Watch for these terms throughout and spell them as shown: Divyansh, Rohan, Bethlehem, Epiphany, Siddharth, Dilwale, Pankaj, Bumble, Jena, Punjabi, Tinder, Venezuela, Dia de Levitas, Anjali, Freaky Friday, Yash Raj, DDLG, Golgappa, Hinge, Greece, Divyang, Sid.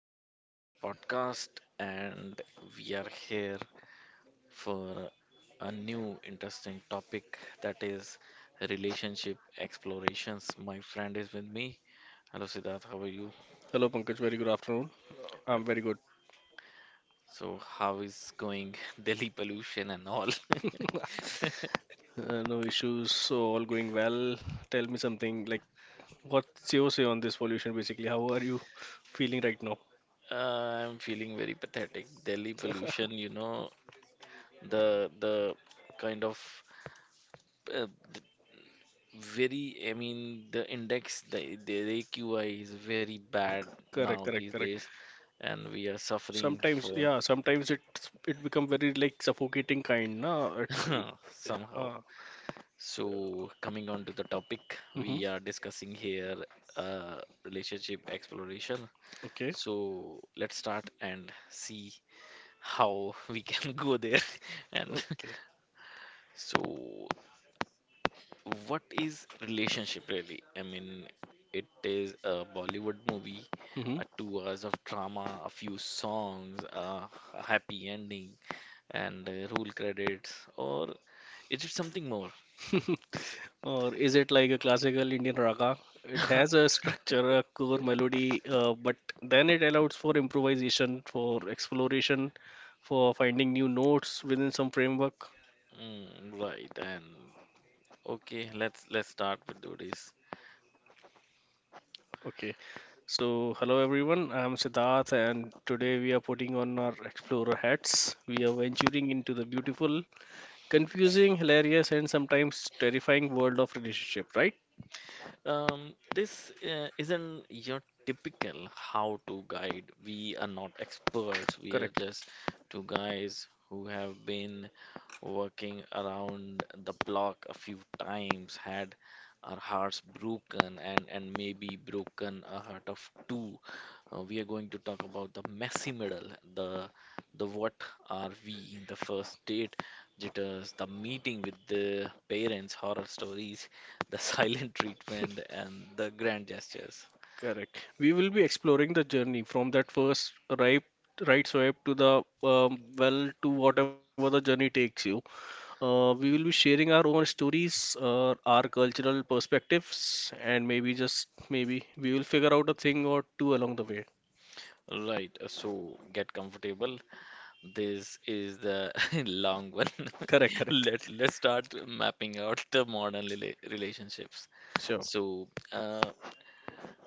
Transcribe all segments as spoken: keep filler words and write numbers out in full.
back to my podcast. And we are here for a new interesting topic that is relationship explorations. My friend is with me. Hello, Siddharth. How are you? Hello Pankaj, very good afternoon. Uh, I'm very good. So, how is going Delhi pollution and all? Uh, no issues, so all going well. Tell me something like what's your say on this pollution basically? How are you feeling right now? Uh, I'm feeling very pathetic. Delhi pollution, you know, the the kind of uh, very, I mean, the index, the, the A Q I is very bad Correct, now these correct, correct. days, and we are suffering Sometimes, for yeah, sometimes it's it become very like suffocating kind, na? It's somehow. uh, So, coming on to the topic, Mm-hmm. we are discussing here uh, relationship exploration. Okay, So, let's start and see how we can go there. And okay. so, what is relationship really? I mean, it is a Bollywood movie, Mm-hmm. a two hours of drama, a few songs, a a happy ending, and uh, roll credits, or is it something more? Or is it like a classical Indian raga? It has a structure, a core melody, uh, but then it allows for improvisation, for exploration, for finding new notes within some framework. Mm, right, and okay, let's let's start with today's. Okay, so hello everyone, I'm Siddharth, and today we are putting on our explorer hats. We are venturing into the beautiful, confusing, hilarious, and sometimes terrifying world of relationship, right? Um, this uh, isn't your typical how-to guide. We are not experts. We are Correct. just two guys who have been working around the block a few times, had our hearts broken, and and maybe broken a heart of two. Uh, we are going to talk about the messy middle, the the what are we, the first date jitters, the meeting with the parents, horror stories, the silent treatment and the grand gestures. Correct. We will be exploring the journey from that first right right swipe to the um, well, to whatever the journey takes you. Uh, we will be sharing our own stories, uh, our cultural perspectives, and maybe just maybe we will figure out a thing or two along the way. Right, so get comfortable. This is the long one. Correct, correct. Let's let's start mapping out the modern rela relationships. Sure. So, uh,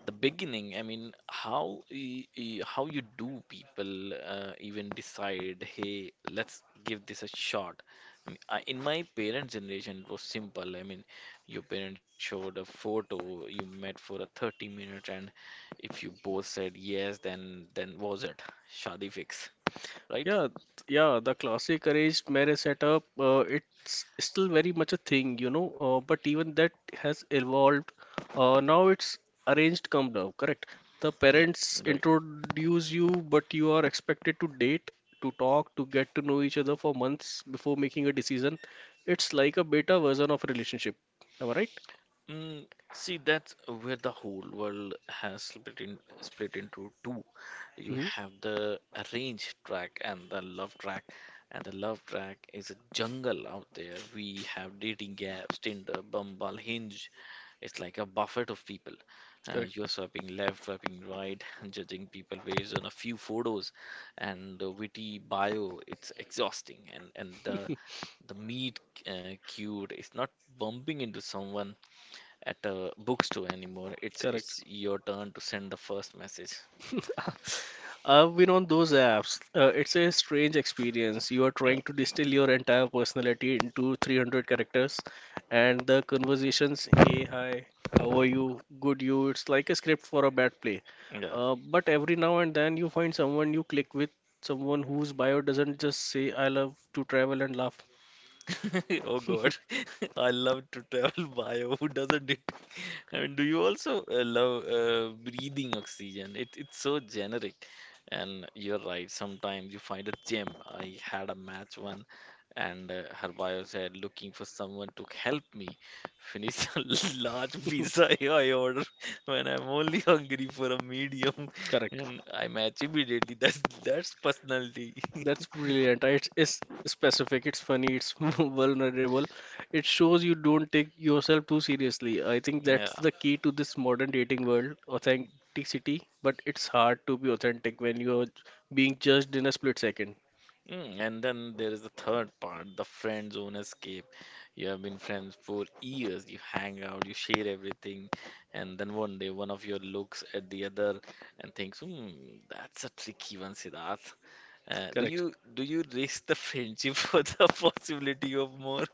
the beginning, I mean, how y- y- how you do people uh, even decide, hey, let's give this a shot. I mean, I, in my parents generation, it was simple, I mean, your parents showed a photo, you met for a thirty minutes, and if you both said yes, then then was it shadi fix, right? Yeah, yeah, the classic arranged marriage setup, uh, it's still very much a thing, you know, uh, but even that has evolved. Uh, now it's arranged come down, correct? The Right, parents right. introduce you, but you are expected to date, to talk, to get to know each other for months before making a decision. It's like a beta version of a relationship. Am I right? Mm, see, that's where the whole world has split in, split into two. You Mm-hmm. have the arranged track and the love track, and the love track is a jungle out there. We have dating apps, Tinder, Bumble, Hinge. It's like a buffet of people. Uh, you Correct. are swiping left, swiping right, and judging people based on a few photos and a witty bio. It's exhausting, and and the the meet uh, cute is not bumping into someone at a bookstore anymore. It's Correct. it's your turn to send the first message. I've been on those apps. Uh, it's a strange experience. You are Uh, trying to distill your entire personality into three hundred characters, and the conversations, hey, hi, how are you, good you, it's like a script for a bad play. yeah. Uh, but every now and then you find someone you click with, someone whose bio doesn't just say, I love to travel and laugh. Oh God. I love to tell by. Who doesn't? And do you also uh, love uh, breathing oxygen? It, it's so generic. And you're right, sometimes you find a gem. I had a match one, and uh, her bio said, looking for someone to help me finish a large pizza I order when I'm only hungry for a medium. Correct. And I match immediately. That's, that's personality. That's brilliant. It's, it's specific, it's funny, it's vulnerable. It shows you don't take yourself too seriously. I think Yeah. that's the key to this modern dating world, authenticity. But it's hard to be authentic when you're being judged in a split second. Mm, and then there is the third part, the friend zone escape. You have been friends for years, you hang out, you share everything, and then one day one of you looks at the other and thinks, hmm, that's a tricky one, Siddharth. Uh, do Correct. you do you risk the friendship for the possibility of more?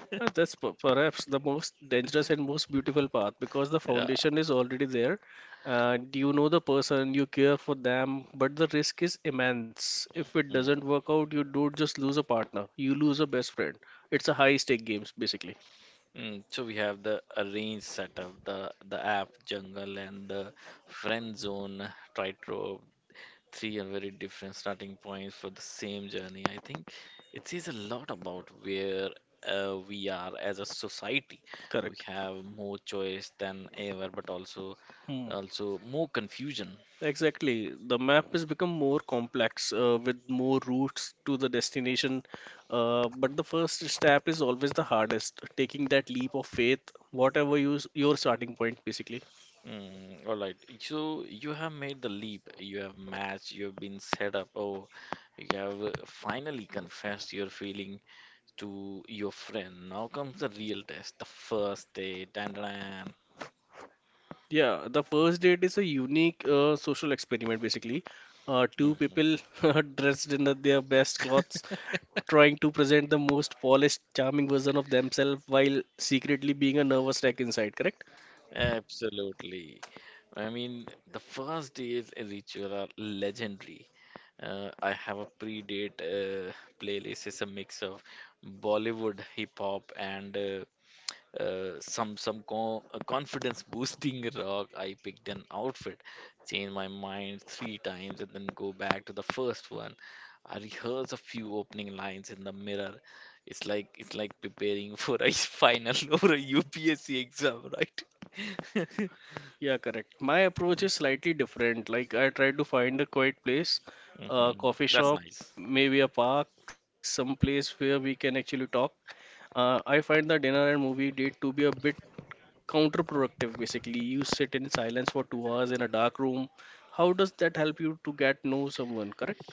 Uh, That's per- perhaps the most dangerous and most beautiful path because the Yeah. foundation is already there. And you know the person, you care for them, but the risk is immense. If Mm. it doesn't work out, you don't just lose a partner, you lose a best friend. It's a high stake games, basically. Mm. So we have the arranged setup, the the app jungle and the friend zone tightrope. Three are very different starting points for the same journey. I think it says a lot about where uh, we are as a society. We Correct. have more choice than ever, but also Hmm. also more confusion. Exactly. The map has become more complex uh, with more routes to the destination. Uh, but the first step is always the hardest, taking that leap of faith, whatever you, your starting point, basically. Mm, all right. So you have made the leap. You have matched. You have been set up. Oh, you have uh, finally confessed your feeling to your friend. Now comes the real test, the first date. Dun, dun, Yeah, the first date is a unique uh, social experiment basically. Uh, two dun. people dressed in the- their best clothes, trying to present the most polished, charming version of themselves while secretly being a nervous wreck inside, correct? Absolutely. I mean, the first day's ritual are legendary. Uh, I have a pre-date uh, playlist. It's a mix of Bollywood, hip hop, and uh, uh, some some co- uh, confidence boosting rock. I picked an outfit, changed my mind three times, and then go back to the first one. I rehearse a few opening lines in the mirror. It's like it's like preparing for a final or a upsc exam, right? Yeah, correct. My approach is slightly different. Like, I try to find a quiet place, a Hmm. coffee That's shop, nice. maybe a park, some place where we can actually talk. Uh, I find the dinner and movie date to be a bit counterproductive, basically. You sit in silence for two hours in a dark room. How does that help you to get know someone, correct?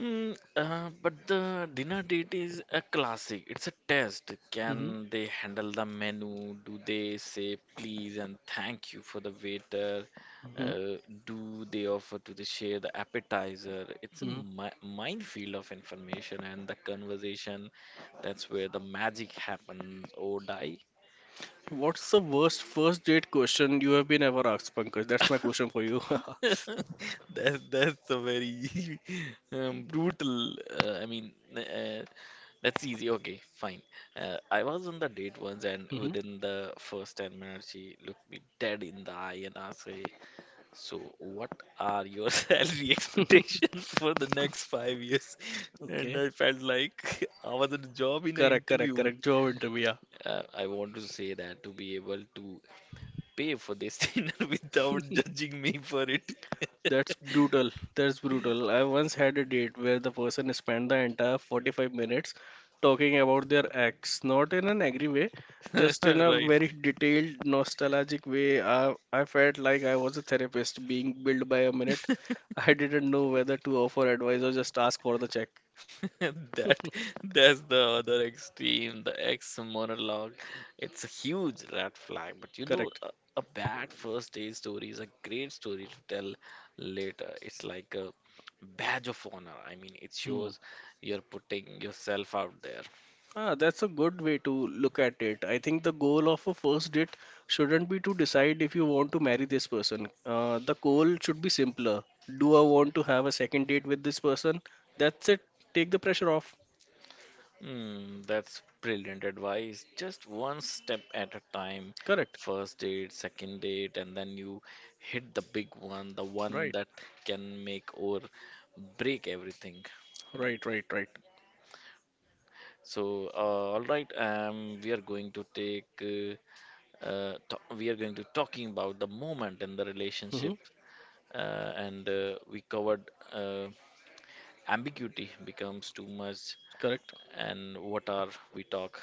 Mm, uh, but the dinner date is a classic. It's a test. Hmm, Can they handle the menu? Do they say please and thank you for the waiter? hmm, Uh, do they offer to the share the appetizer? It's a hmm. mi minefield of information and the conversation. That's where the magic happens or die. What's the worst first date question you have been ever asked, Pankaj? That's my question for you. hmm. That's that's a very um, brutal. Uh, I mean, uh, That's easy. Okay, fine. Uh, I was on the date once, and within the first ten minutes, she looked me dead in the eye and asked me, so, what are your salary expectations for the next five years? And okay, I felt like I was in a job in an correct, correct, interview. correct, job interview, Uh, I want to say that to be able to pay for this dinner without yeah. judging me for it. That's brutal. That's brutal. I once had a date where the person spent the entire forty-five minutes talking about their ex, not in an angry way, just in a Right. very detailed, nostalgic way. I, I felt like I was a therapist being billed by a minute. I didn't know whether to offer advice or just ask for the check. That that's the other extreme, the ex monologue. It's a huge red flag, but you know, Correct. a, a bad first day story is a great story to tell later. It's like a badge of honor. I mean, it Hmm. shows you're putting yourself out there. Ah, that's a good way to look at it. I think the goal of a first date shouldn't be to decide if you want to marry this person. Uh, the goal should be simpler. Do I want to have a second date with this person? That's it. Take the pressure off. Hmm, that's brilliant advice. Just one step at a time. Correct. First date, second date, and then you hit the big one, the one Right. that can make or break everything. Right, right, right. So, uh, all right, um, we are going to take, uh, uh, to- we are going to talking about the moment in the Mm-hmm. relationship, uh, and uh, we covered uh, ambiguity becomes too much, Correct. and what are we talk?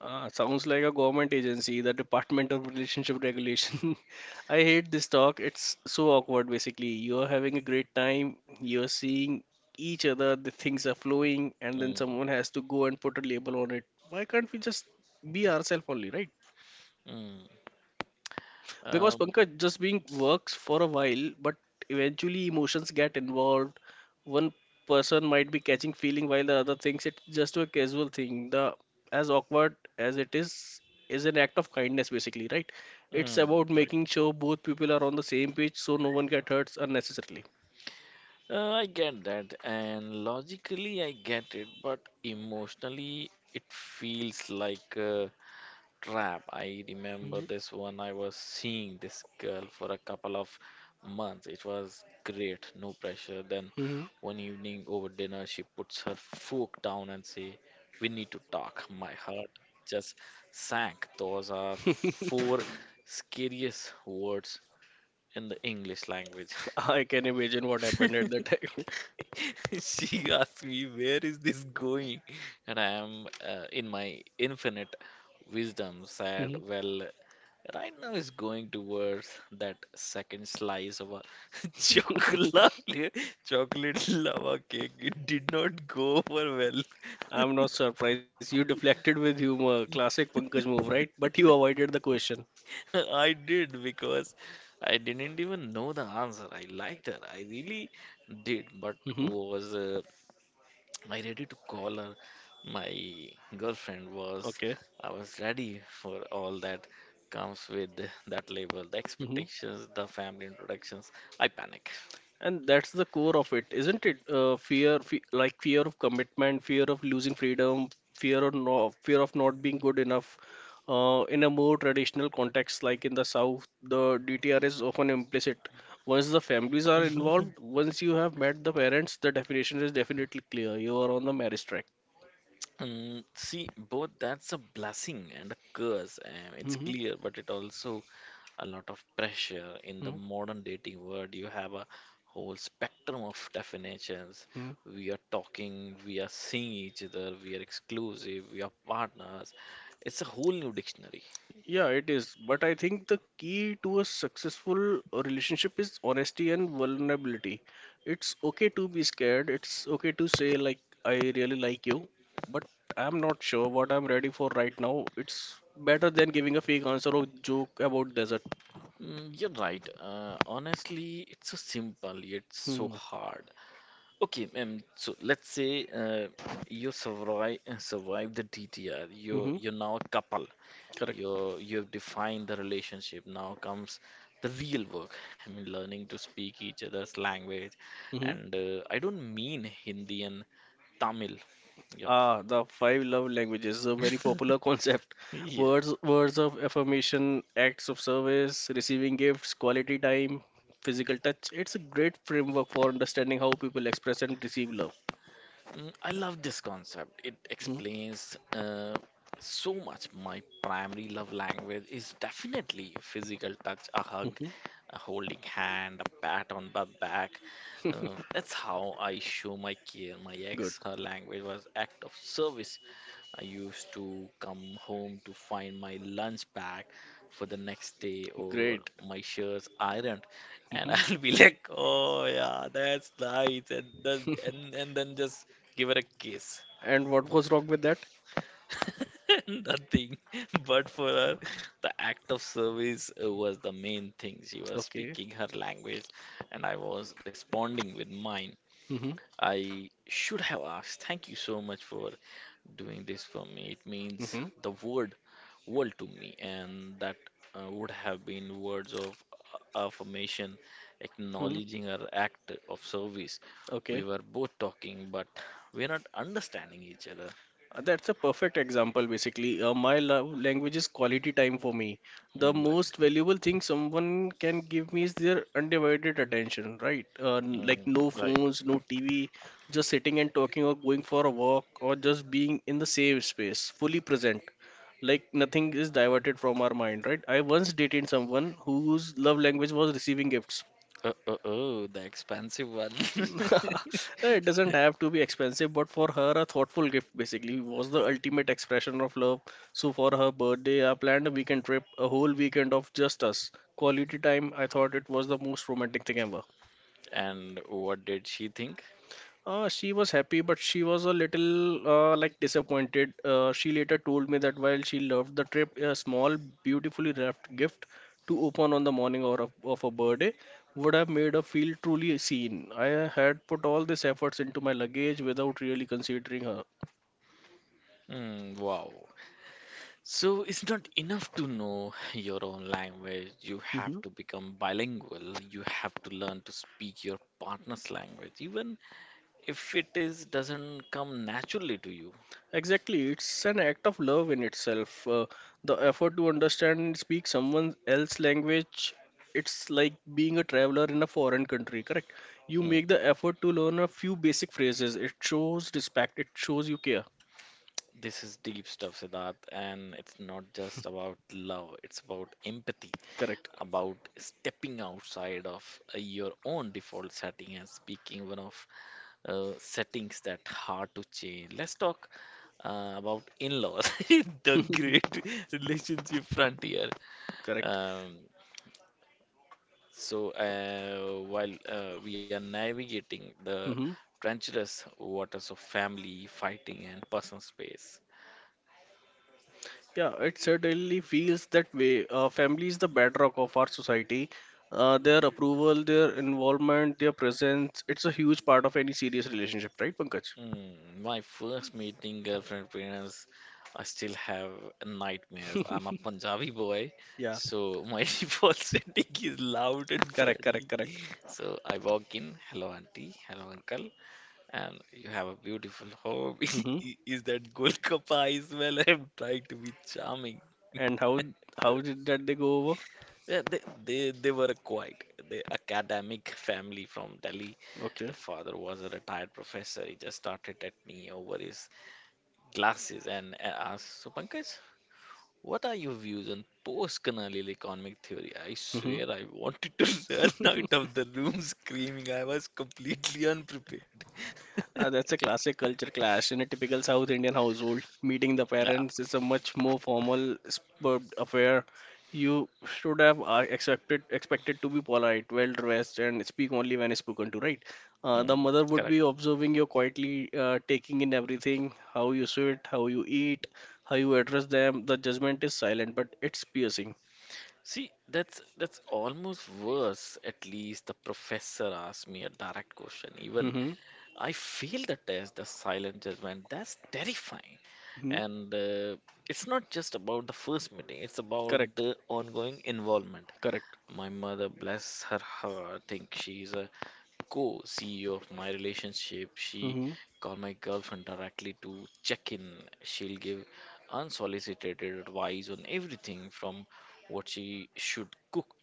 Uh, sounds like a government agency, the Department of Relationship Regulation. I hate this talk. It's so awkward, basically. You're having a great time, you're seeing each other, the things are flowing, and then Mm, someone has to go and put a label on it. Why can't we just be ourselves only, right? mm, Because um, Pankaj, just being works for a while, but eventually emotions get involved. One person might be catching feeling while the other thinks it's just a casual thing. The, as awkward as it is, is an act of kindness basically, right? It's mm, about right. making sure both people are on the same page so no one gets hurt unnecessarily. Uh, I get that, and logically I get it, but emotionally it feels like. Uh, Trap. I remember Mhm, this one. I was seeing this girl for a couple of months. It was great, no pressure. Then mhm. one evening over dinner, she puts her fork down and say, "We need to talk." My heart just sank. Those are four scariest words in the English language. I can imagine what happened at that time. She asked me, where is this going? And I am, uh, in my infinite wisdom, said, Mhm. well, right now is going towards that second slice of a chocolate chocolate lava cake. It did not go over well. I'm not surprised. You deflected with humor. Classic Pankaj move, right? But you avoided the question. I did, because I didn't even know the answer. I liked her. I really did, but Hmm. was uh, I ready to call her? My girlfriend was. Okay. I was ready for all that comes with that label, the Hmm. expectations, the family introductions. I panic. And that's the core of it, isn't it? Uh, fear, fe like fear of commitment, fear of losing freedom, fear of no, fear of not being good enough. Uh, in a more traditional context, like in the South, the D T R is often implicit. Once the families are involved, once you have met the parents, the definition is definitely clear. You are on the marriage track. Um, see, both, that's a blessing and a curse. Um, it's Hmm. clear, but it also a lot of pressure in the modern dating world. You have a whole spectrum of definitions. Hmm. We are talking, we are seeing each other, we are exclusive, we are partners. It's a whole new dictionary. Yeah, it is. But I think the key to a successful relationship is honesty and vulnerability. It's okay to be scared. It's okay to say, like, I really like you, but I'm not sure what I'm ready for right now. It's better than giving a fake answer or joke about desert. Mm, you're right. Uh, honestly, it's so simple yet so Hmm. hard. Okay, um, so let's say uh, you survive survive the D T R. You Mm-hmm. you're now a couple. Correct. You you've defined the relationship. Now comes the real work. I mean, learning to speak each other's language, Mm-hmm. and uh, I don't mean Hindi and Tamil. Yep. Ah, the five love languages, is a very popular concept. Yeah. Words, words of affirmation, acts of service, receiving gifts, quality time, physical touch. It's a great framework for understanding how people express and receive love. Mm, I love this concept. It Mhm, explains uh, so much. My primary love language is definitely physical touch, a hug, mhm. a holding hand, a pat on the back. Uh, that's how I show my care. My Good, ex, her language was act of service. I used to come home to find my lunch bag for the next day or great. my shirts ironed, and Mhm. I'll be like, "Oh yeah, that's nice," and then and, and then just give her a kiss. And what was wrong with that? Nothing, but for her, the act of service uh, was the main thing. She was Okay. speaking her language, and I was responding with mine. Mm-hmm. I should have asked, thank you so much for doing this for me. It means Mm-hmm. the word, world to me, and that uh, would have been words of a- affirmation, acknowledging her act of service. Okay. We were both talking, but we're not understanding each other. Uh, That's a perfect example, basically. Uh, my love language is quality time for me. The Mm, right. most valuable thing someone can give me is their undivided attention, right? Uh, n- like Mm, no right. phones, no T V, just sitting and talking or going for a walk or just being in the same space, fully present. Like nothing is diverted from our mind, right? I once dated someone whose love language was receiving gifts. Uh, uh, oh, the expansive one. It doesn't have to be expensive, but for her, a thoughtful gift basically was the ultimate expression of love. So for her birthday, I planned a weekend trip, a whole weekend of just us. Quality time, I thought it was the most romantic thing ever. And what did she think? Uh, she was happy, but she was a little uh, like disappointed. Uh, she later told me that while she loved the trip, a small, beautifully wrapped gift to open on the morning or of, of her birthday would have made her feel truly seen. I had put all these efforts into my luggage without really considering her. Mm, wow. So it's not enough to know your own language. You have Mm-hmm. to become bilingual. You have to learn to speak your partner's language, even if it is doesn't come naturally to you. Exactly, it's an act of love in itself. Uh, the effort to understand and speak someone else's language, it's like being a traveler in a foreign country, correct? You make Mm, the effort to learn a few basic phrases. It shows respect, it shows you care, this is deep stuff, Siddharth, and it's not just about love, it's about empathy. correct? About stepping outside of uh, your own default setting and speaking one of uh, settings that hard to change. Let's talk uh, about in-laws, the great relationship frontier. Correct. Um, so uh, while uh, we are navigating the Hmm. treacherous waters of family, fighting, and personal space. Yeah, it certainly feels that way. Uh, family is the bedrock of our society. Uh, their approval, their involvement, their presence, it's a huge part of any serious relationship, right, Pankaj? Mm, my first meeting girlfriend parents, I still have nightmares. I'm a Punjabi boy, Yeah. so my default setting is loud and Correct, friendly. correct, correct. So I walk in, hello auntie, hello uncle, and you have a beautiful home. Hmm. I- Is that Golgappa as well? I'm trying to be charming. And how how did that they go over? Yeah, they, they, they were quite the academic family from Delhi. The Okay. father was a retired professor. He just started at me over his glasses and, and ask, so Pankaj, what are your views on post-colonial economic theory? I Hmm. swear I wanted to run out of the room screaming. I was completely unprepared. Uh, that's a classic culture clash. In a typical South Indian household, meeting the Yeah, parents is a much more formal superb affair. You should have uh, expected expected to be polite, well dressed, and speak only when spoken to, right? Uh, the mm, mother would be correct. observing you quietly, uh, taking in everything, how you sit, how you eat, how you address them. The judgment is silent, but it's piercing. See, that's that's almost worse. At least the professor asked me a direct question. Even Mm-hmm. I failed the test, the silent judgment. That's terrifying. And uh, it's not just about the first meeting, it's about Correct, the ongoing involvement. correct. My mother, bless her heart, think she's a co-C E O of my relationship. She Hmm. called my girlfriend directly to check in. She'll give unsolicited advice on everything from what she should cook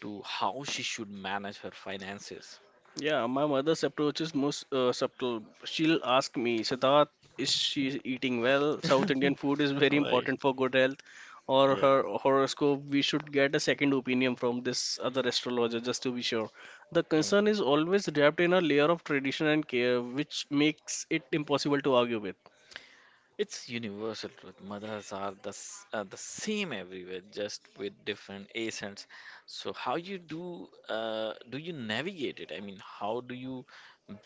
to how she should manage her finances. Yeah, my mother's approach is most uh, subtle. She'll ask me, Siddharth, is she eating well? South Indian food is very Right. important for good health. Or her Yeah. horoscope, we should get a second opinion from this other astrologer just to be sure. The concern is always wrapped in a layer of tradition and care, which makes it impossible to argue with. It's universal truth. Mothers are the, s- uh, the same everywhere, just with different accents. So how you do uh, do you navigate it? I mean, how do you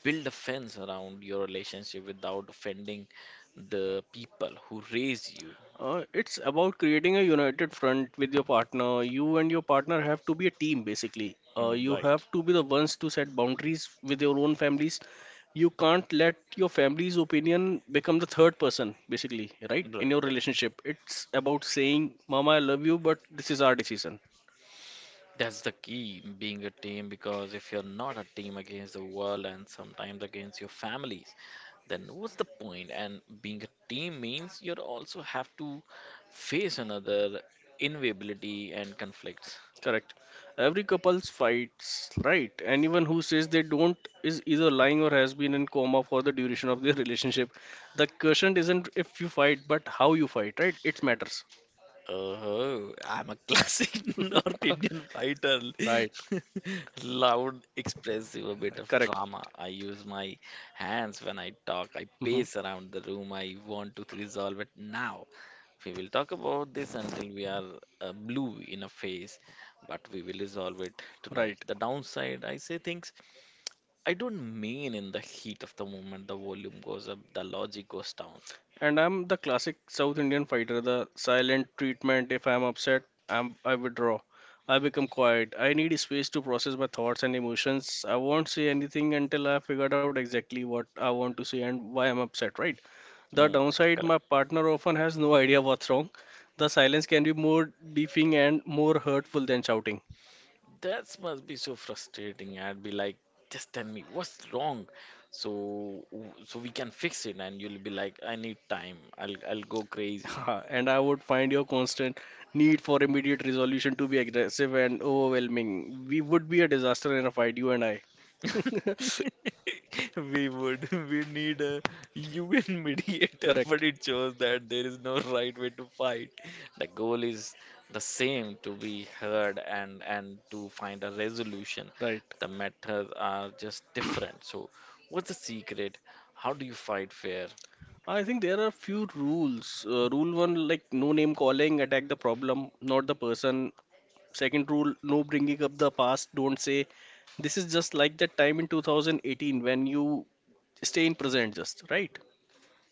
build a fence around your relationship without offending the people who raise you? Uh, it's about creating a united front with your partner. You and your partner have to be a team, basically. Uh, Mm, You right, have to be the ones to set boundaries with your own families. You can't let your family's opinion become the third person, basically, right? In right, your right. relationship, it's about saying, Mama, I love you, but this is our decision. That's the key, being a team, because if you're not a team against the world and sometimes against your families, then what's the point? And being a team means you also have to face another inevitability and conflicts. Correct. Every couple's fights, right? Anyone who says they don't is either lying or has been in coma for the duration of their relationship. The question isn't if you fight, but how you fight, right? It matters. Oh, I'm a classic North Indian fighter. Right. Loud, expressive, a bit of Correct. drama. I use my hands when I talk. I hmm pace around the room. I want to resolve it now. We will talk about this until we are uh, blue in a face, but we will resolve it tonight. Right. The downside, I say things I don't mean in the heat of the moment. The volume goes up, the logic goes down. And I'm the classic South Indian fighter, the silent treatment. If I'm upset, I'm I withdraw. I become quiet. I need space to process my thoughts and emotions. I won't say anything until I figured out exactly what I want to say and why I'm upset, right? The Mm, downside, my partner often has no idea what's wrong. The silence can be more deafening and more hurtful than shouting. that must be so frustrating. I'd be like, just tell me what's wrong, so so we can fix it. And you'll be like, I need time. I'll I'll go crazy. And I would find your constant need for immediate resolution to be aggressive and overwhelming. We would be a disaster in a fight, you and I. We would. We need a U N mediator, but Correct. it shows that there is no right way to fight. The goal is the same to be heard and and to find a resolution. Right. The methods are just different. So, what's the secret? How do you fight fair? I think there are a few rules. Uh, rule one, like no name calling, attack the problem, not the person. Second rule, no bringing up the past. Don't say this is just like that time in two thousand eighteen when you stay in present just right.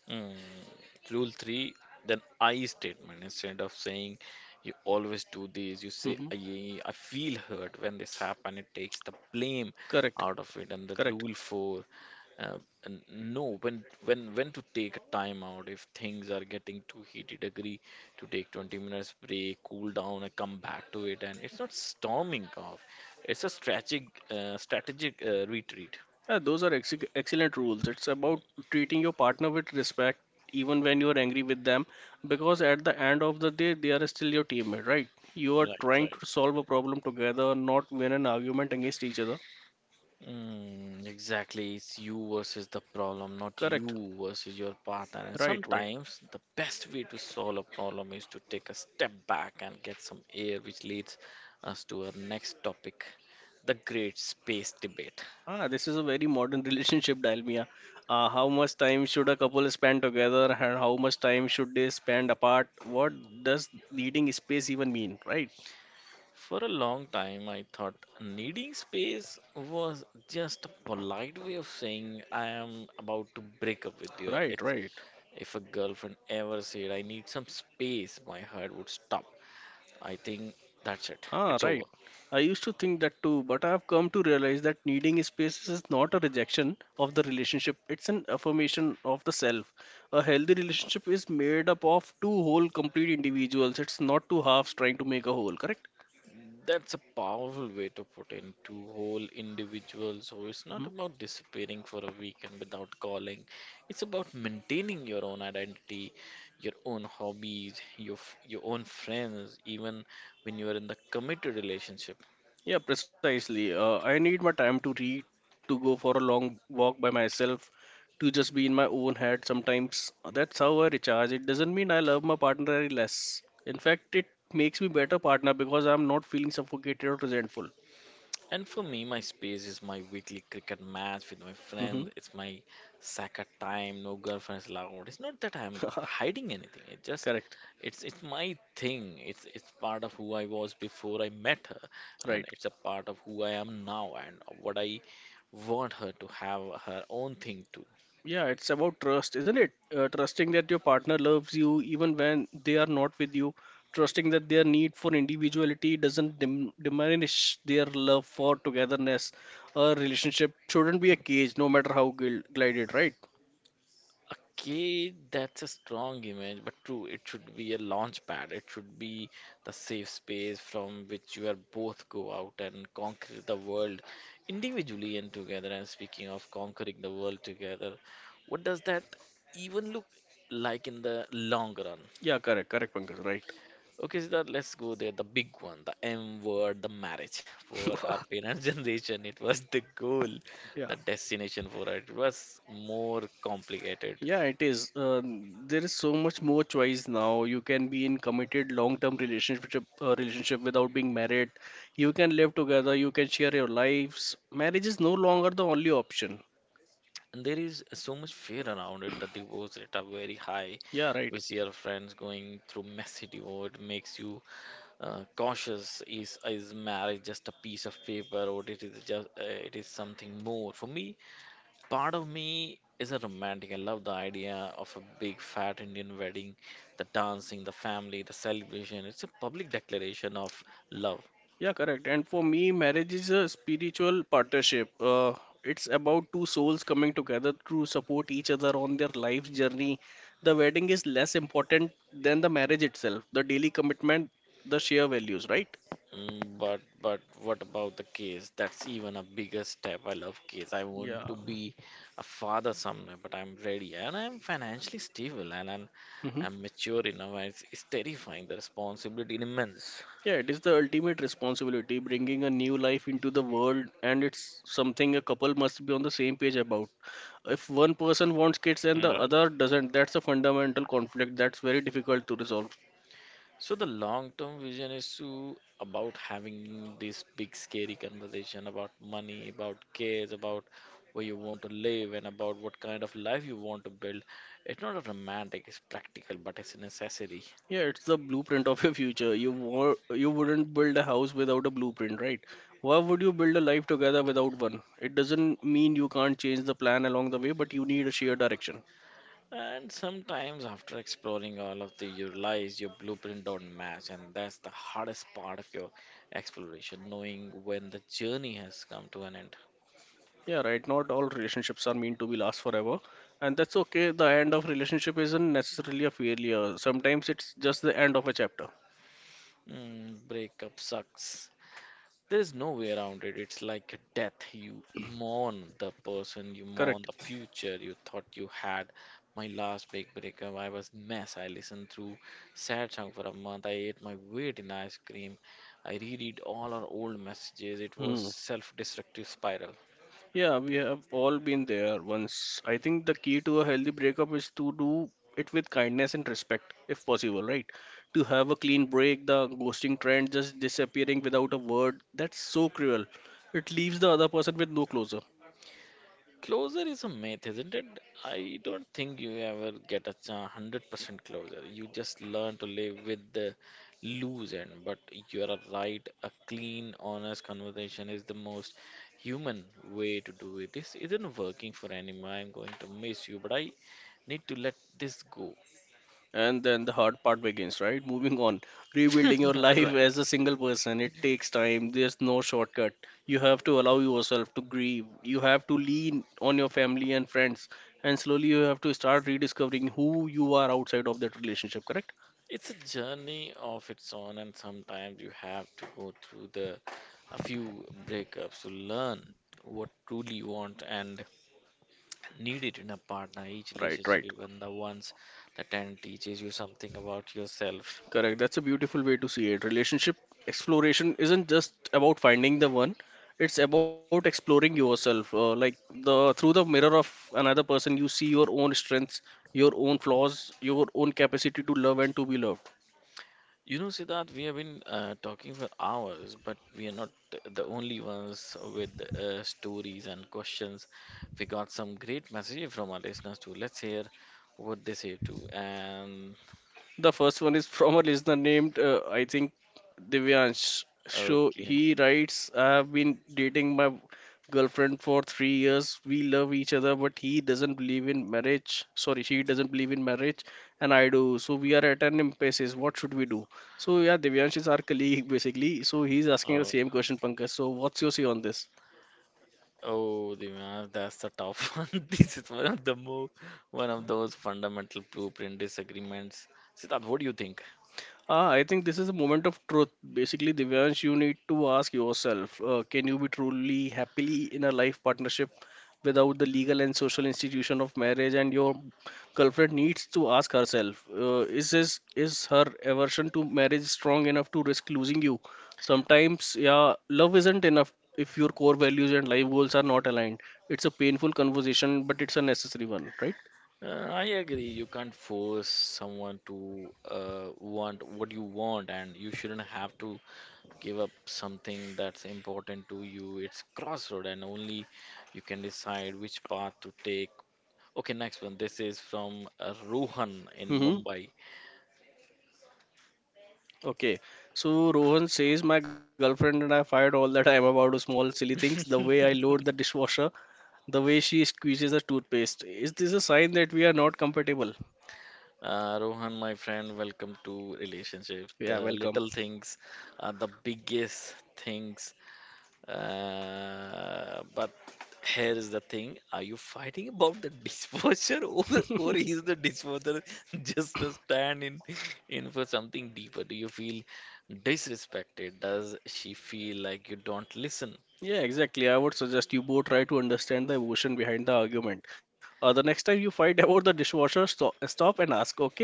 Mm, rule three, then I statement. Instead of saying you always do this, you say hmm I, I feel hurt when this happened. It takes the blame Correct, out of it. And the correct, rule four, uh, and no, when when when to take a time out if things are getting too heated, agree to take twenty minutes break, cool down, and come back to it. And it's not storming off; it's a strategic uh, strategic uh, retreat. yeah, those are ex- excellent rules. It's about treating your partner with respect even when you're angry with them, because at the end of the day they are still your teammate, right? You are Right, trying right. to solve a problem together, not win an argument against each other. Mm, exactly. It's you versus the problem, not Correct, you versus your partner. And right, right. sometimes the best way to solve a problem is to take a step back and get some air, which leads us to our next topic, the great space debate. Ah, this is a very modern relationship dalmia. Uh, how much time should a couple spend together, and how much time should they spend apart? What does needing space even mean, right? For a long time, I thought needing space was just a polite way of saying I am about to break up with you. Right, It's, right. if a girlfriend ever said, I need some space, my heart would stop. I think that's it. Ah, It's over. right. I used to think that too, but I have come to realize that needing space is not a rejection of the relationship, it's an affirmation of the self. A healthy relationship is made up of two whole, complete individuals. It's not two halves trying to make a whole, correct? That's a powerful way to put into whole individual. So it's not Mm-hmm. about disappearing for a weekend without calling. It's about maintaining your own identity, your own hobbies, your f- your own friends, even when you are in the committed relationship. Yeah, precisely. Uh, I need my time to read, to go for a long walk by myself, to just be in my own head sometimes. That's how I recharge. It doesn't mean I love my partner any less. In fact, it makes me better partner because I'm not feeling suffocated or resentful. And for me, my space is my weekly cricket match with my hmm friend. It's my soccer time. No girlfriends allowed. It's not that I'm hiding anything. It just, Correct. it's it's my thing. It's it's part of who I was before I met her, and Right. it's a part of who I am now and what I want her to have her own thing too. Yeah, it's about trust, isn't it? Uh, trusting that your partner loves you even when they are not with you. Trusting that their need for individuality doesn't dim diminish their love for togetherness. A relationship shouldn't be a cage, no matter how gil- glided, right? Okay, that's a strong image, but true, it should be a launch pad. It should be the safe space from which you are both go out and conquer the world individually and together. And speaking of conquering the world together, what does that even look like in the long run? Yeah, correct, correct, Pankaj, right. Okay, Siddharth, let's go there. The big one, the M word, the marriage. For our parents' generation, it was the goal, the Yeah. destination for it. It was more complicated. Yeah, it is. Uh, there is so much more choice now. You can be in committed long-term relationship uh, relationship without being married. You can live together. You can share your lives. Marriage is no longer the only option. And there is so much fear around it. The divorce rate are very high. Yeah, We right. see our friends going through messy divorce. It makes you uh, cautious. Is is marriage just a piece of paper, or it is just uh, it is something more? For me, part of me is a romantic. I love the idea of a big fat Indian wedding, the dancing, the family, the celebration. It's a public declaration of love. Yeah, correct. And for me, marriage is a spiritual partnership. Uh, it's about two souls coming together to support each other on their life journey. The wedding is less important than the marriage itself. The daily commitment, the shared values, right? Mm, But but what about the case? That's even a bigger step. I love case. I want Yeah. to be a father someday, but I'm ready and I'm financially stable and I'm, I'm mature enough. And it's, it's terrifying. The responsibility immense. Yeah, it is the ultimate responsibility, bringing a new life into the world, and it's something a couple must be on the same page about. If one person wants kids and the Right. other doesn't, that's a fundamental conflict that's very difficult to resolve. So the long-term vision is to about having this big scary conversation about money, about cares, about where you want to live and about what kind of life you want to build. It's not a romantic, it's practical, but it's a necessity. Yeah, it's the blueprint of your future. You wa- you wouldn't build a house without a blueprint, right? Why would you build a life together without one? It doesn't mean you can't change the plan along the way, but you need a shared direction. And sometimes, after exploring all of the, you realize your blueprint don't match, and that's the hardest part of your exploration, knowing when the journey has come to an end. Yeah, right. Not all relationships are meant to be last forever, and that's okay. The end of relationship isn't necessarily a failure. Sometimes it's just the end of a chapter. Mm, breakup sucks. There's no way around it. It's like a death. You mourn the person, you mourn Correct. the future you thought you had. My last big breakup, I was mess. I listened through sad song for a month. I ate my weight in ice cream. I reread all our old messages. It was Hmm. self-destructive spiral. Yeah, we have all been there once. I think the key to a healthy breakup is to do it with kindness and respect, if possible, right? To have a clean break, the ghosting trend just disappearing without a word, that's so cruel. It leaves the other person with no closure. Closure is a myth, isn't it? I don't think you ever get a cha- one hundred percent closure. You just learn to live with the loose end. But you are right, a clean, honest conversation is the most human way to do it. This isn't working for anymore. I'm going to miss you, but I need to let this go. And then the hard part begins, right? Moving on. Rebuilding your Right. life as a single person. It takes time. There's no shortcut. You have to allow yourself to grieve. You have to lean on your family and friends. And slowly you have to start rediscovering who you are outside of that relationship, correct? It's a journey of its own, and sometimes you have to go through the a few breakups to learn what truly you want and needed in a partner. Each Right, relationship, right. even the ones that tend teaches you something about yourself. Correct. That's a beautiful way to see it. Relationship exploration isn't just about finding the one, it's about exploring yourself. Uh, like the through the mirror of another person, you see your own strengths, your own flaws, your own capacity to love and to be loved. You know, Siddharth, we have been uh, talking for hours, but we are not the only ones with uh, stories and questions. We got some great messages from our listeners too. Let's hear what they say too. And The first one is from a listener named, uh, I think, Divyansh. So okay. he writes, I have been dating my girlfriend for three years. We love each other, but he doesn't believe in marriage. Sorry, she doesn't believe in marriage, and I do. So we are at an impasse. What should we do? So yeah, Divyansh is our colleague basically. So he's asking the Oh, same question, Pankaj. So what's your say on this? oh, Divyang, that's the tough one. This is one of the more, one of those fundamental blueprint disagreements. Siddharth, what do you think? Ah, I think this is a moment of truth. Basically, Divyansh, you need to ask yourself, uh, can you be truly happily in a life partnership without the legal and social institution of marriage? And your girlfriend needs to ask herself, uh, is this, is her aversion to marriage strong enough to risk losing you? Sometimes, yeah, love isn't enough if your core values and life goals are not aligned. It's a painful conversation, but it's a necessary one, right? Uh, I agree. You can't force someone to uh, want what you want, and you shouldn't have to give up something that's important to you. It's crossroad, and only you can decide which path to take. Okay, next one. This is from uh, Rohan in Mm-hmm. Mumbai. Okay, so Rohan says my girlfriend and I fight all the time about small silly things, the way I load the dishwasher, the way she squeezes the toothpaste. Is this a sign that we are not compatible? Uh, Rohan, my friend, welcome to Relationship. Yeah, The welcome. little things are the biggest things. Uh, but here is the thing: Are you fighting about the dishwasher, or or is the dishwasher just a stand in in for something deeper? Do you feel disrespected? Does she feel like you don't listen? Yeah, exactly. I would suggest you both try to understand the emotion behind the argument. Uh, the next time you fight about the dishwasher, stop, stop and ask, okay,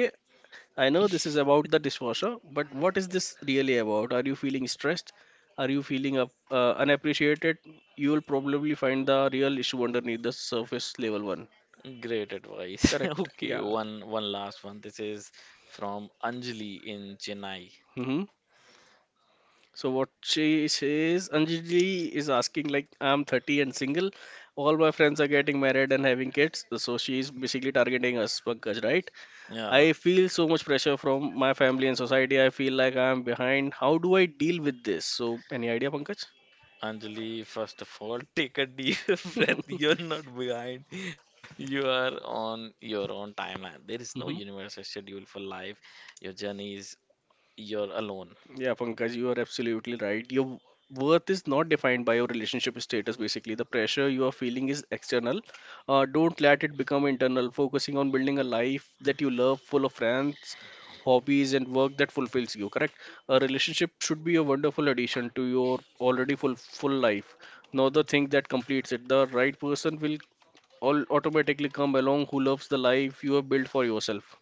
I know this is about the dishwasher, but what is this really about? Are you feeling stressed? Are you feeling up, uh, unappreciated? You will probably find the real issue underneath the surface level one. Great advice. Correct. Okay, Yeah. one one last one. This is from Anjali in Chennai. hmm So what she says, Anjali is asking like, I'm thirty and single. All my friends are getting married and having kids. So she is basically targeting us, Pankaj, right? Yeah. I feel so much pressure from my family and society. I feel like I'm behind. How do I deal with this? So any idea, Pankaj? Anjali, first of all, take a deep breath. You're not behind. You are on your own timeline. There is no Hmm. universal schedule for life. Your journey is you're alone. Yeah, Pankaj, you are absolutely right. Your worth is not defined by your relationship status, basically. The pressure you are feeling is external. Uh, don't let it become internal. Focusing on building a life that you love, full of friends, hobbies, and work that fulfills you, correct? A relationship should be a wonderful addition to your already full full life, not the thing that completes it. The right person will all automatically come along who loves the life you have built for yourself.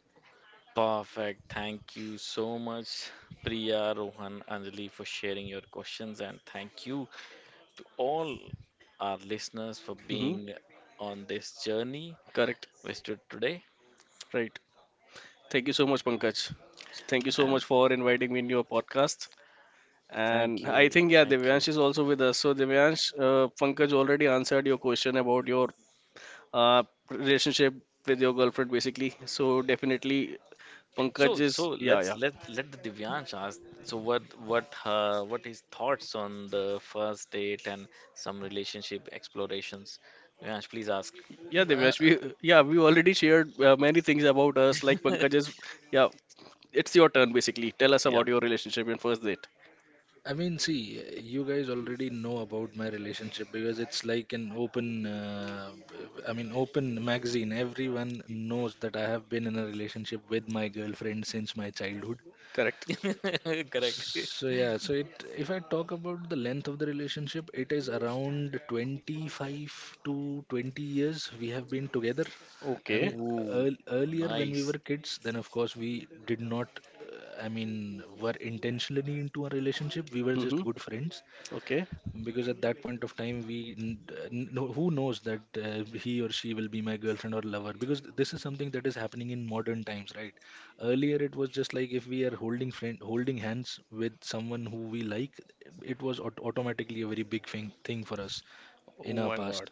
Perfect. Thank you so much, Priya, Rohan, Anjali, for sharing your questions. And thank you to all our listeners for hmm being on this journey Correct. with you today. Right. Thank you so much, Pankaj. Thank you so And much for inviting me in your podcast. thank And I you. think, yeah, Thank you. Devyansh is also with us. So, Devyansh, uh, Pankaj already answered your question about your uh, relationship with your girlfriend, basically. So, definitely, So, Pankaj is, so yeah, let's yeah. let let the Divyansh ask. So, what what her what his thoughts on the first date and some relationship explorations? Divyansh, please ask. Yeah, I, Devyansh, we, yeah, we already shared uh, many things about us, like Pankaj is, yeah, it's your turn, basically. Tell us Yeah, about your relationship in first date. I mean, see, you guys already know about my relationship because it's like an open, uh, I mean, open magazine. Everyone knows that I have been in a relationship with my girlfriend since my childhood. Correct. correct. So yeah, so it if I talk about the length of the relationship, it is around twenty-five to twenty years we have been together. I Okay. mean, earl Ooh, earlier nice. when we were kids, then of course we did not, uh, I mean, were intentionally into a relationship. We were Mm-hmm. just good friends Okay. because at that point of time we n- n- no- who knows that uh, he or she will be my girlfriend or lover, because this is something that is happening in modern times, right? Earlier it was just like if we are holding friend holding hands with someone who we like, it was aut- automatically a very big thing thing for us Oh in our my God. past.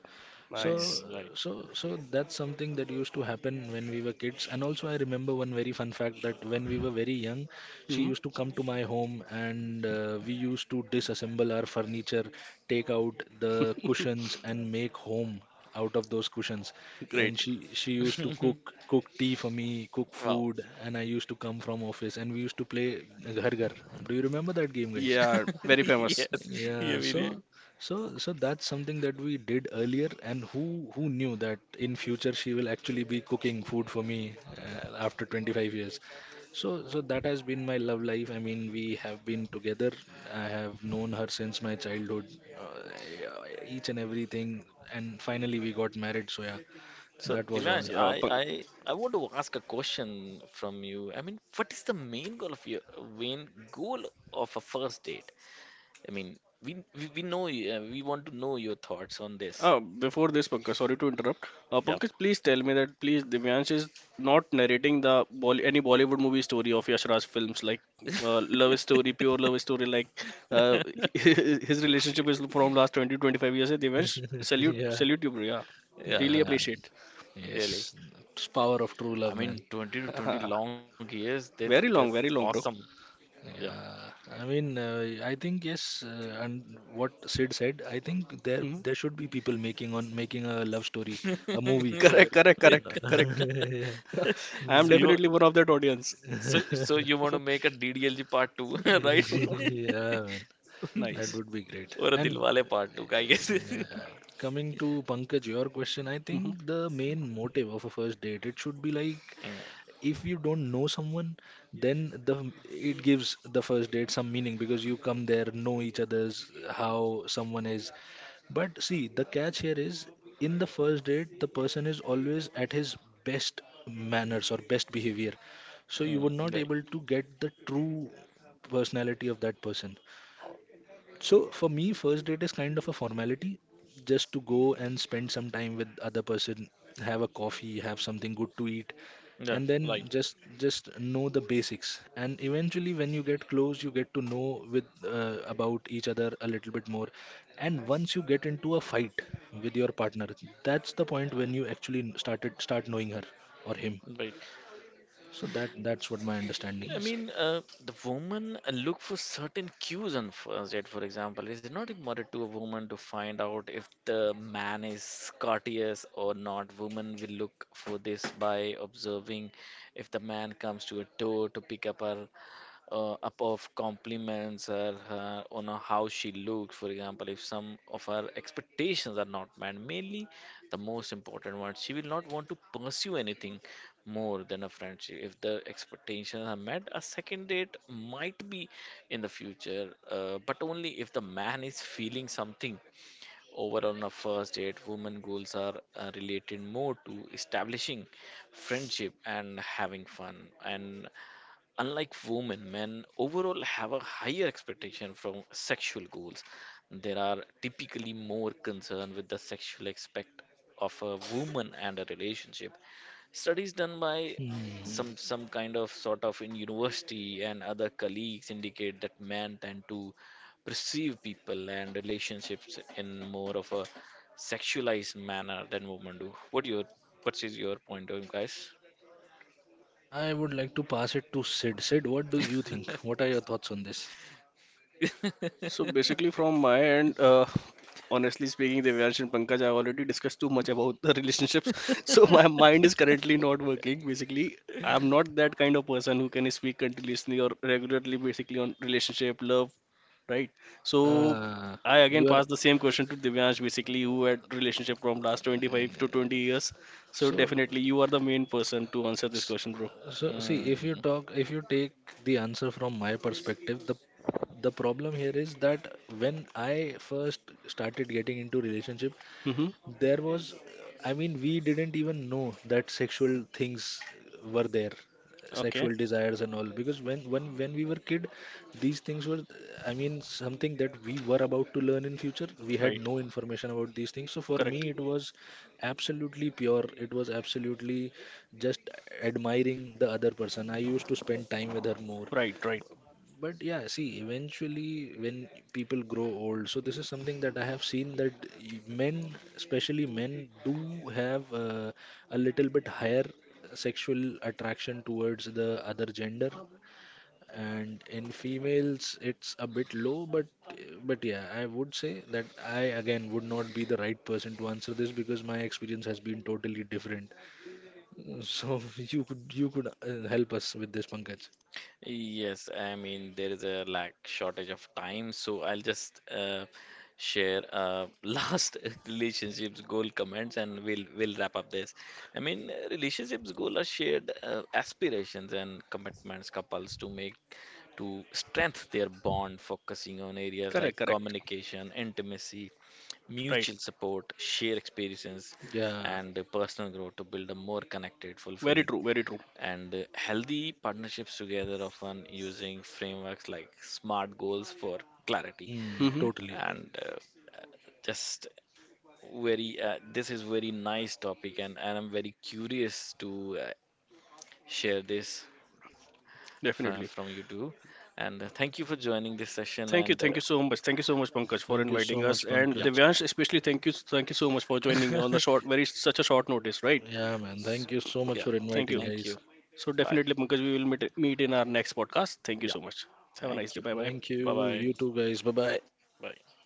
so Nice. Mm, right. so so that's something that used to happen when we were kids. And also, I remember one very fun fact that when we were very young, she hmm used to come to my home, and uh, we used to disassemble our furniture, take out the cushions, and make home out of those cushions. And Great. she she used to cook cook tea for me, cook Wow. food, and I used to come from office, and we used to play, uh, ghar ghar. Do you remember that game, guys? Yeah, very Yes. famous. Yeah, we Yeah, do. so so so that's something that we did earlier. And who who knew that in future she will actually be cooking food for me uh, after twenty-five years. So so that has been my love life. I mean, we have been together. I have known her since my childhood, uh, each and everything, and finally we got married. So yeah, So, that was Yeah, all. Divyansh, Pank- I, I I want to ask a question from you. I mean, what is the main goal of your main goal of a first date? I mean, we we, we know you- uh, we want to know your thoughts on this. Uh, before this, Pankaj, sorry to interrupt. Uh, Yep. Pankaj, please tell me that please Divyansh is not narrating the Bolly any Bollywood movie story of Yash Raj films like uh, love story, pure love story like uh, his relationship is from last twenty twenty five years. Eh, Divyansh, salute, Yeah, salute you, bro. Yeah, Yeah, really yeah, uh, appreciate. really. yes, it's power of true I love, man. mean, twenty to twenty Ah, long years, that's very that's long, very long, awesome. bro. Yeah. Yeah, I mean, uh, I think yes, uh, and what Sid said, I think Mhm. there there should be people making on making a love story, a movie. You're Correct, right. correct, correct, correct. Yeah. I am So you Mm. wa- definitely one of that audience. so so you want to make a D D L G part two, right? Yeah, man, that Nice. would be great. Or a And Dilwale part two, I uh, guess. yeah, coming to Pankaj, your question, I Hmm. think the main motive of a first date, it should be like, Mm. if you don't know someone, then the it gives the first date some meaning, because you come there, know each other's, how someone is. But see, the catch here is, in the first date, the person is always at his best manners or best behavior, so you were Mm, not right. able to get the true personality of that person. So for me, first date is kind of a formality, just to go and spend some time with other person, have a coffee, have something good to eat, Yeah, and then right, just just know the basics. And eventually when you get close, you get to know with, uh, about each other a little bit more. And once you get into a fight with your partner, that's the point when you actually started start knowing her or him. right. So that that's what my understanding I is. mean, uh, the woman uh, look for certain cues on first date, for example. Is it not important to a woman to find out if the man is courteous or not? Woman will look for this by observing if the man comes to a door to pick up her uh, up of compliments or her on a- how she looks, for example. If some of her expectations are not met, mainly the most important one, she will not want to pursue anything more than a friendship. If the expectations are met, a second date might be in the future, uh, but only if the man is feeling something. Overall, on a first date, women goals are uh, related more to establishing friendship and having fun. And unlike women, men overall have a higher expectation from sexual goals. They are typically more concerned with the sexual aspect of a woman and a relationship. Studies done by Hmm. some some kind of sort of in university and other colleagues indicate that men tend to perceive people and relationships in more of a sexualized manner than women do. What your what is your point of view, guys? I would like to pass it to Sid. sid what do you think? What are your thoughts on this? So basically, from my end, uh, honestly speaking, Devyansh and Pankaj, I already discussed too much about the relationships. So my mind is currently not working. Basically, I'm not that kind of person who can speak continuously or regularly, basically on relationship, love, right? So Ah, I again you are. pass the same question to Devyansh, basically who had relationship from last twenty-five to twenty years. So so definitely, you are the main person to answer this S- question, bro. So, see, if you Mm. talk, if you take the answer from my perspective, the the problem here is that when I first started getting into relationship, Mm-hmm. there was, I mean, we didn't even know that sexual things were there, Okay. sexual desires and all, because when when when we were kid, these things were, I mean, something that we were about to learn in future. We had Right. no information about these things. So for Correct. me, it was absolutely pure. It was absolutely just admiring the other person. I used to spend time with her more. Right. Right. But yeah, see, eventually when people grow old, so this is something that I have seen that y- men, especially men, do have uh, a little bit higher sexual attraction towards the other gender, and in females it's a bit low. But but yeah, I would say that I again would not be the right person to answer this because my experience has been totally different. So you could you could uh, help us with this, Pankaj. Yes, I mean there is a lack shortage of time, so I'll just uh, share uh, last relationships goal comments, and we'll we'll wrap up this. I mean uh, relationships goal are shared uh, aspirations and commitments couples to make to strengthen their bond, focusing on areas like Correct. Correct. communication, intimacy, Right. mutual support, share experiences, Yeah, and uh, personal growth to build a more connected, Very fulfilling true. Very true. and uh, healthy partnerships together, often using frameworks like smart goals for clarity mm, Mm-hmm, totally. and uh, just very uh, this is very nice topic, and, and i'm very curious to uh, share this definitely. f- from you too, and uh, thank you for joining this session, Thank you, and thank you uh, so much. Thank you so much, Pankaj, for Thank you so inviting us. much, And yeah. Pankaj. Divyansh, especially thank you, thank you so much for joining on the short, very such a short notice, right? Yeah, man. S- Thank you so much Yeah, for Thank inviting, you. thank you. guys. So Bye, definitely, Pankaj, we will meet meet in our next podcast. Thank you yeah, so much. Have a nice thank day. you. Bye bye. Thank Bye you. bye, You too, guys. Bye bye. bye.